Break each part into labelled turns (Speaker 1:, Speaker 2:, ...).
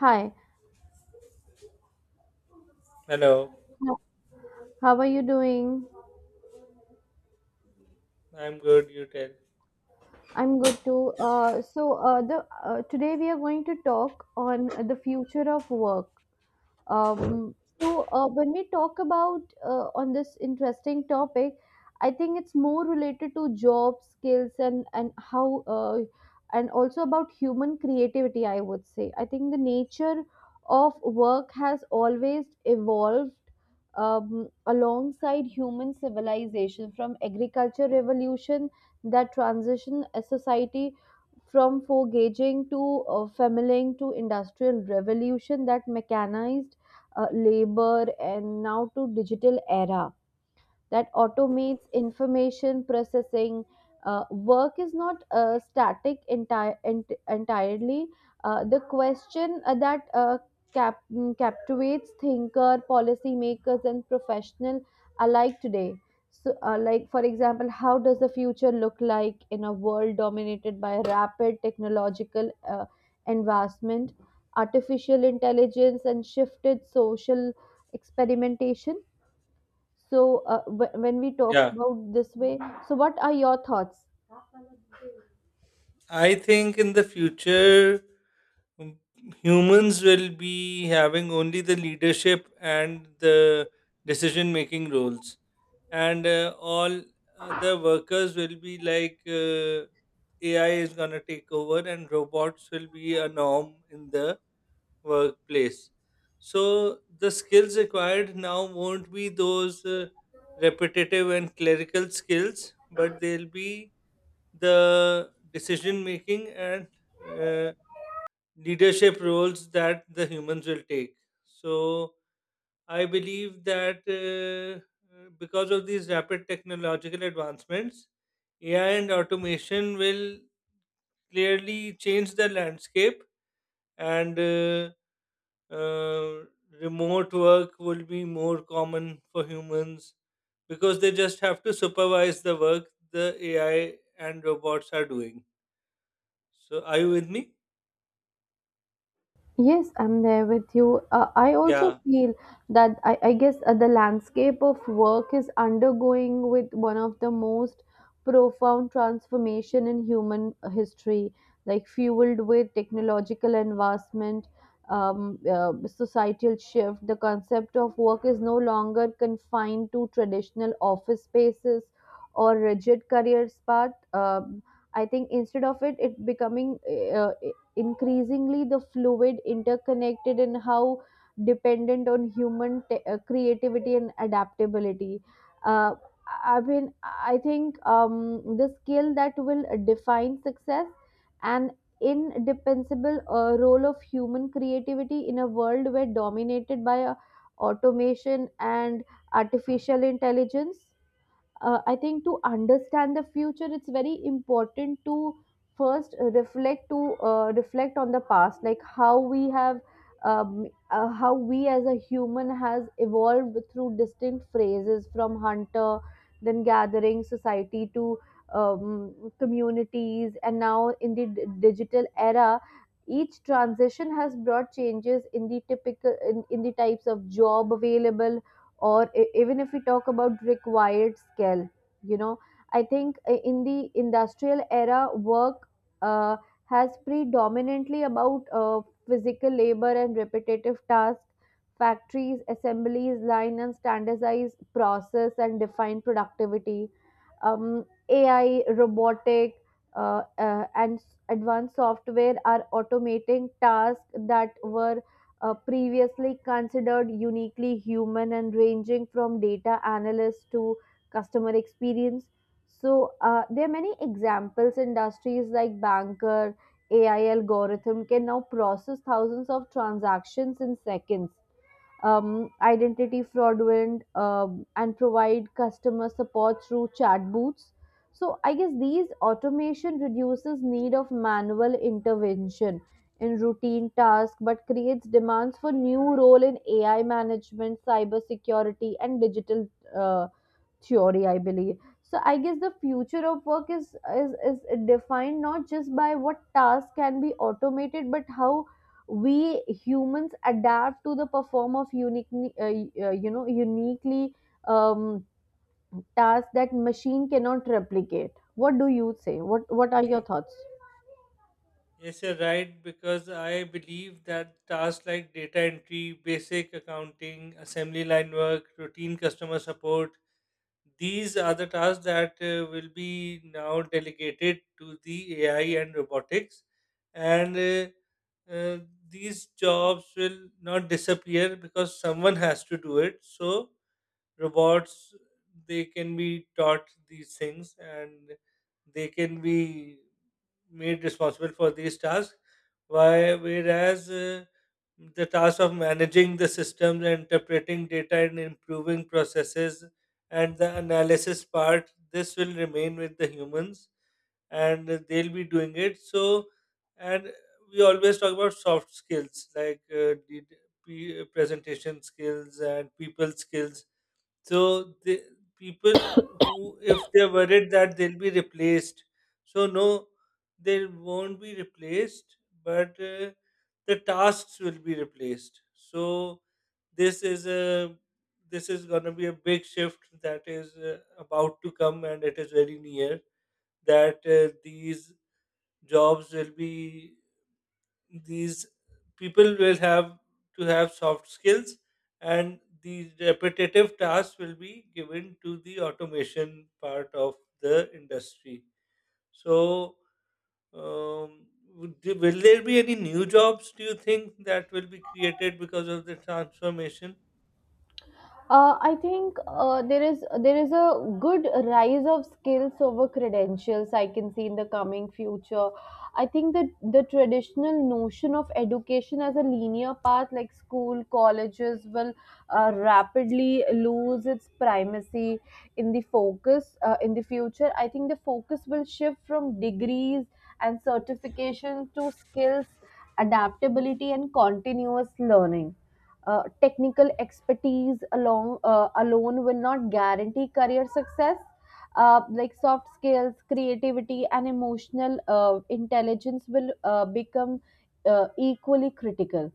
Speaker 1: Hi,
Speaker 2: Hello,
Speaker 1: how how are you doing?
Speaker 2: I'm good. You tell.
Speaker 1: I'm good too. So the Today we are going to talk on the future of work. When we talk about on this interesting topic, I think it's more related to job skills and how and also about human creativity. I would say I think the nature of work has always evolved alongside human civilization from agriculture revolution that transition a society from foraging to farming to industrial revolution that mechanized labor, and now to digital era that automates information processing. Work is not static entirely. The question captivates thinker, policymakers, and professional alike today. So, like for example, how does the future look like in a world dominated by rapid technological advancement, artificial intelligence, and shifted social experimentation? So, when we talk
Speaker 2: Yeah,
Speaker 1: about this way, so what are your thoughts?
Speaker 2: I think in the future, um, humans will be having only the leadership and the decision making roles, and all the workers will be like AI is gonna take over, and robots will be a norm in the workplace. So the skills required now won't be those repetitive and clerical skills, but they'll be the decision making and uh, leadership roles that the humans will take. So I believe that because of these rapid technological advancements, AI and automation will clearly change the landscape and uh, remote work will be more common for humans because they just have to supervise the work the AI and robots are doing. So, are you with me?
Speaker 1: Yes, I'm there with you. I also
Speaker 2: Yeah.
Speaker 1: feel that I guess the landscape of work is undergoing with one of the most profound transformation in human history, like fueled with technological advancement, societal shift. The concept of work is no longer confined to traditional office spaces or rigid careers path. I think instead of it becoming uh, increasingly the fluid, interconnected, and how dependent on human creativity and adaptability. Uh, I mean, I think the skill that will define success and indispensable role of human creativity in a world where dominated by automation and artificial intelligence. Uh, I think to understand the future, it's very important to first reflect to reflect on the past, like how we have, how we as a human has evolved through distinct phrases from hunter, then gathering society to communities, and now in the digital era. Each transition has brought changes in the typical in the types of job available, or even if we talk about required skill. You know, I think in the industrial era, work uh, has predominantly about physical labor and repetitive tasks, factories assemblies line and standardize process and define productivity. AI robotic advanced software are automating tasks that were previously considered uniquely human and ranging from data analyst to customer experience. So there are many examples. Industries like banker, AI algorithm can now process thousands of transactions in seconds, identity fraudulent, and provide customer support through chat booths. So I guess these automation reduces need of manual intervention in routine tasks, but creates demands for new role in AI management, cyber security, and digital uh, theory, I believe. So I guess the future of work is defined not just by what tasks can be automated, but how we humans adapt to the perform of unique uh, you know uniquely um, tasks that machine cannot replicate. What do you say what are your
Speaker 2: Mm.
Speaker 1: thoughts
Speaker 2: Yes, you're right, because I believe that tasks like data entry, basic accounting, assembly line work, routine customer support, these are the tasks that will be now delegated to the AI and robotics. And uh, uh, these jobs will not disappear because someone has to do it. So, robots, they can be taught these things, and they can be made responsible for these tasks, why whereas the task of managing the systems and interpreting data and improving processes and the analysis part, this will remain with the humans, and they'll be doing it. So, and we always talk about soft skills like presentation skills and people skills. So the people who, if they're worried that they'll be replaced, so no, they won't be replaced, but the tasks will be replaced. So this is a this is going to be a big shift that is about to come, and it is very near that these jobs will be these people will have to have soft skills, and these repetitive tasks will be given to the automation part of the industry. So, um, will there be any new jobs, do you think, that will be created because of the transformation?
Speaker 1: I think there is a good rise of skills over credentials I can see in the coming future. I think that the traditional notion of education as a linear path, like school, colleges, will rapidly lose its primacy in the focus in the future. I think the focus will shift from degrees and certification to skills, adaptability, and continuous learning technical expertise along alone will not guarantee career success like soft skills creativity and emotional intelligence will become equally critical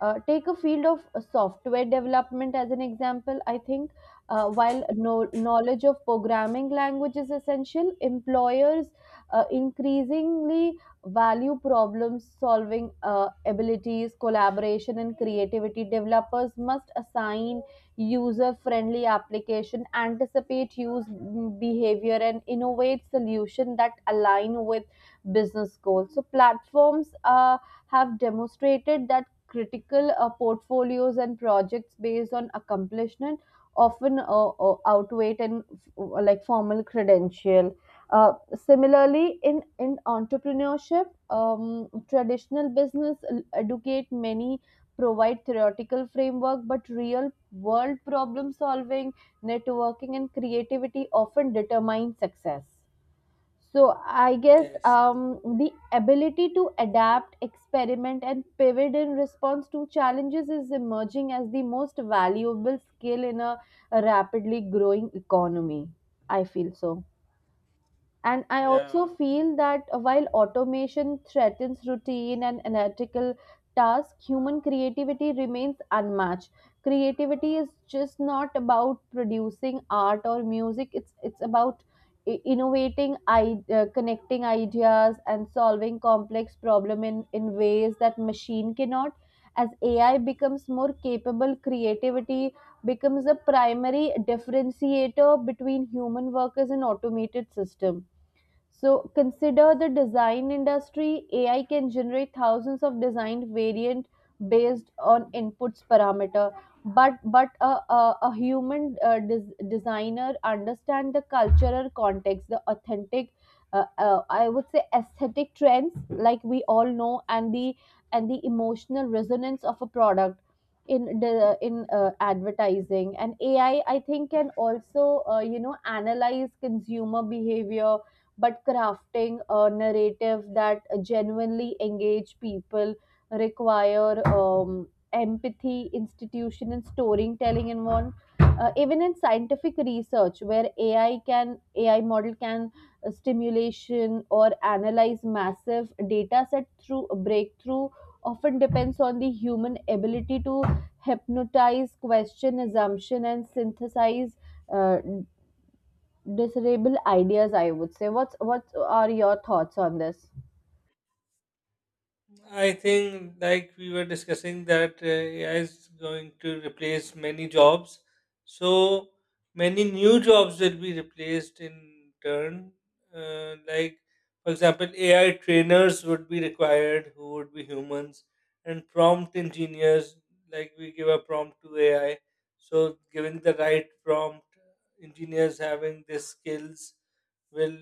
Speaker 1: take a field of software development as an example. I think while no, knowledge of programming language is essential, employers increasingly value problem solving abilities, collaboration, and creativity. Developers must assign user friendly application, anticipate use mm, behavior, and innovate solution that align with business goals. So platforms have demonstrated that critical portfolios and projects based on accomplishment often outweigh and like formal credential. Similarly, in entrepreneurship, traditional business l- educate many provide theoretical framework, but real world problem solving, networking, and creativity often determine success. So I guess
Speaker 2: Yes.
Speaker 1: the ability to adapt, experiment, and pivot in response to challenges is emerging as the most valuable skill in a rapidly growing economy. I feel so. And I also
Speaker 2: Yeah.
Speaker 1: feel that while automation threatens routine and analytical tasks, human creativity remains unmatched. Creativity is just not about producing art or music, it's about I- innovating, I- connecting ideas, and solving complex problem in ways that machine cannot. As AI becomes more capable, creativity becomes a primary differentiator between human workers and automated system. So consider the design industry. AI can generate thousands of design variant based on inputs parameter. But a human des- designer understand the cultural context, the authentic, I would say aesthetic trends, like we all know, and the emotional resonance of a product in the in advertising. And AI, I think, can also you know analyze consumer behavior but crafting a narrative that genuinely engage people require empathy, institution, and storytelling involved. Even in scientific research, where AI can AI model can stimulation or analyze massive data set through a breakthrough often depends on the human ability to hypnotize, question, assumption, and synthesize uh, discernible ideas I would say what's what are your thoughts? On this
Speaker 2: I think, like we were discussing, that AI is going to replace many jobs. So many new jobs will be replaced in turn. Like, for example, AI trainers would be required, who would be humans, and prompt engineers, like we give a prompt to AI. So, giving the right prompt, engineers having the skills will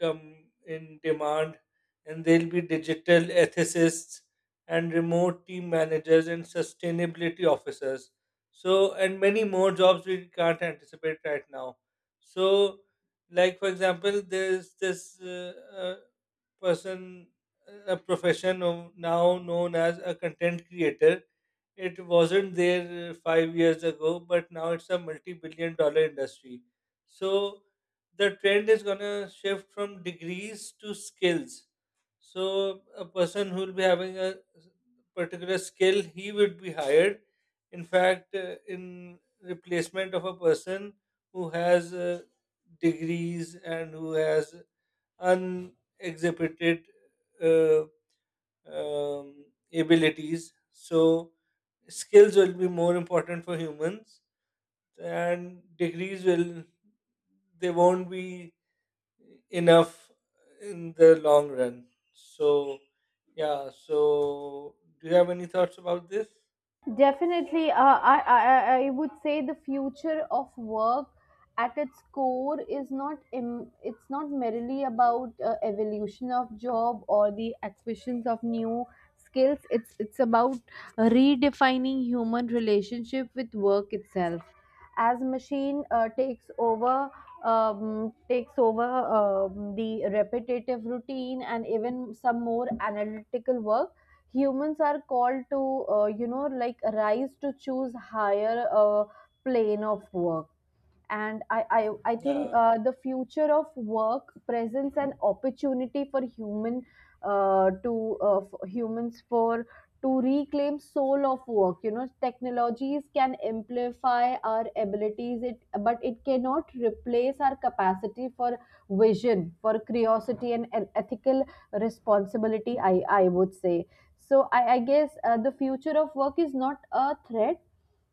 Speaker 2: come in demand, and there'll be digital ethicists and remote team managers and sustainability officers. So, and many more jobs we can't anticipate right now. So, like for example, there's this uh, person, a profession of- now known as a content creator. It wasn't there 5 years ago, but now it's a multi billion dollar industry. So, the trend is going to shift from degrees to skills. So, a person who will be having a particular skill, he would be hired. In fact, in replacement of a person who has degrees and who has unexhibited uh, um, abilities. So, skills will be more important for humans, and they won't be enough in the long run. So, yeah. So, do you have any thoughts about this?
Speaker 1: Definitely, I would say the future of work at its core is not im- it's not merely about evolution of job or the acquisitions of new skills. It's about redefining human relationship with work itself. As machine takes over the repetitive routine and even some more analytical work, humans are called to you know like rise to choose higher plane of work. And I think
Speaker 2: Yeah,
Speaker 1: the future of work presents an opportunity for humans for to reclaim soul of work. You know, technologies can amplify our abilities, it but it cannot replace our capacity for vision, for curiosity, and, ethical responsibility, I would say. So I guess the future of work is not a threat.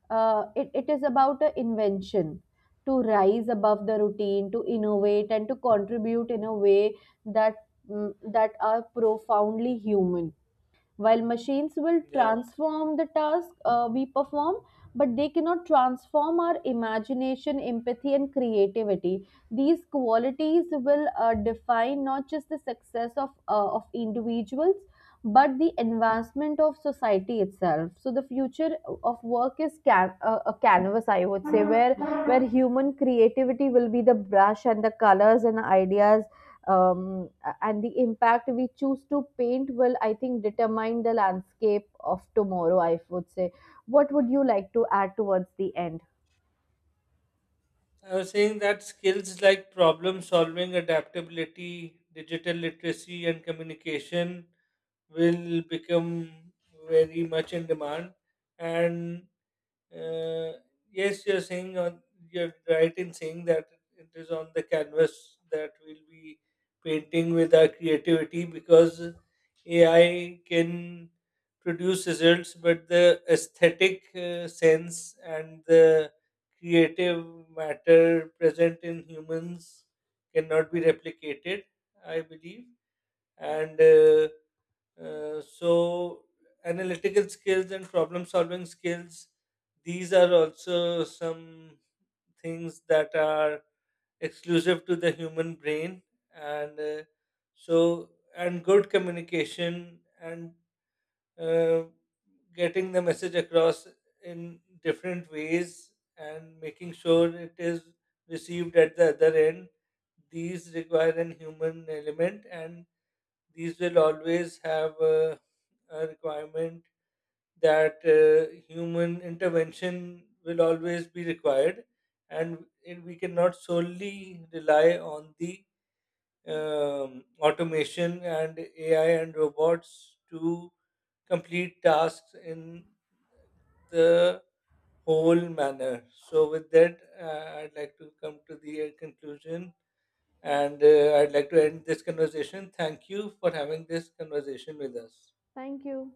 Speaker 1: It it, is about an invention to rise above the routine, to innovate, and to contribute in a way that mm, that are profoundly human. While machines will
Speaker 2: yeah.
Speaker 1: transform the task we perform, but they cannot transform our imagination, empathy, and creativity. These qualities will define not just the success of individuals, but the advancement of society itself. So the future of work is a canvas, I would say, where human creativity will be the brush and the colors and ideas um, and the impact we choose to paint will I think determine the landscape of tomorrow, I would say. What would you like to add towards the end?
Speaker 2: I was saying that skills like problem solving, adaptability, digital literacy, and communication will become very much in demand. And Uh, yes, you're right in saying that it is on the canvas that we'll be painting with our creativity, because AI can produce results, but the aesthetic sense and the creative matter present in humans cannot be replicated, I believe. And so analytical skills and problem solving skills, these are also some things that are exclusive to the human brain, and so, and good communication and uh, getting the message across in different ways and making sure it is received at the other end, these require an human element, and these will always have requirement that human intervention will always be required, and it, we cannot solely rely on the automation and AI and robots to complete tasks in the whole manner. So, with that, I'd like to come to the conclusion, and I'd like to end this conversation. Thank you for having this conversation with us.
Speaker 1: Thank you.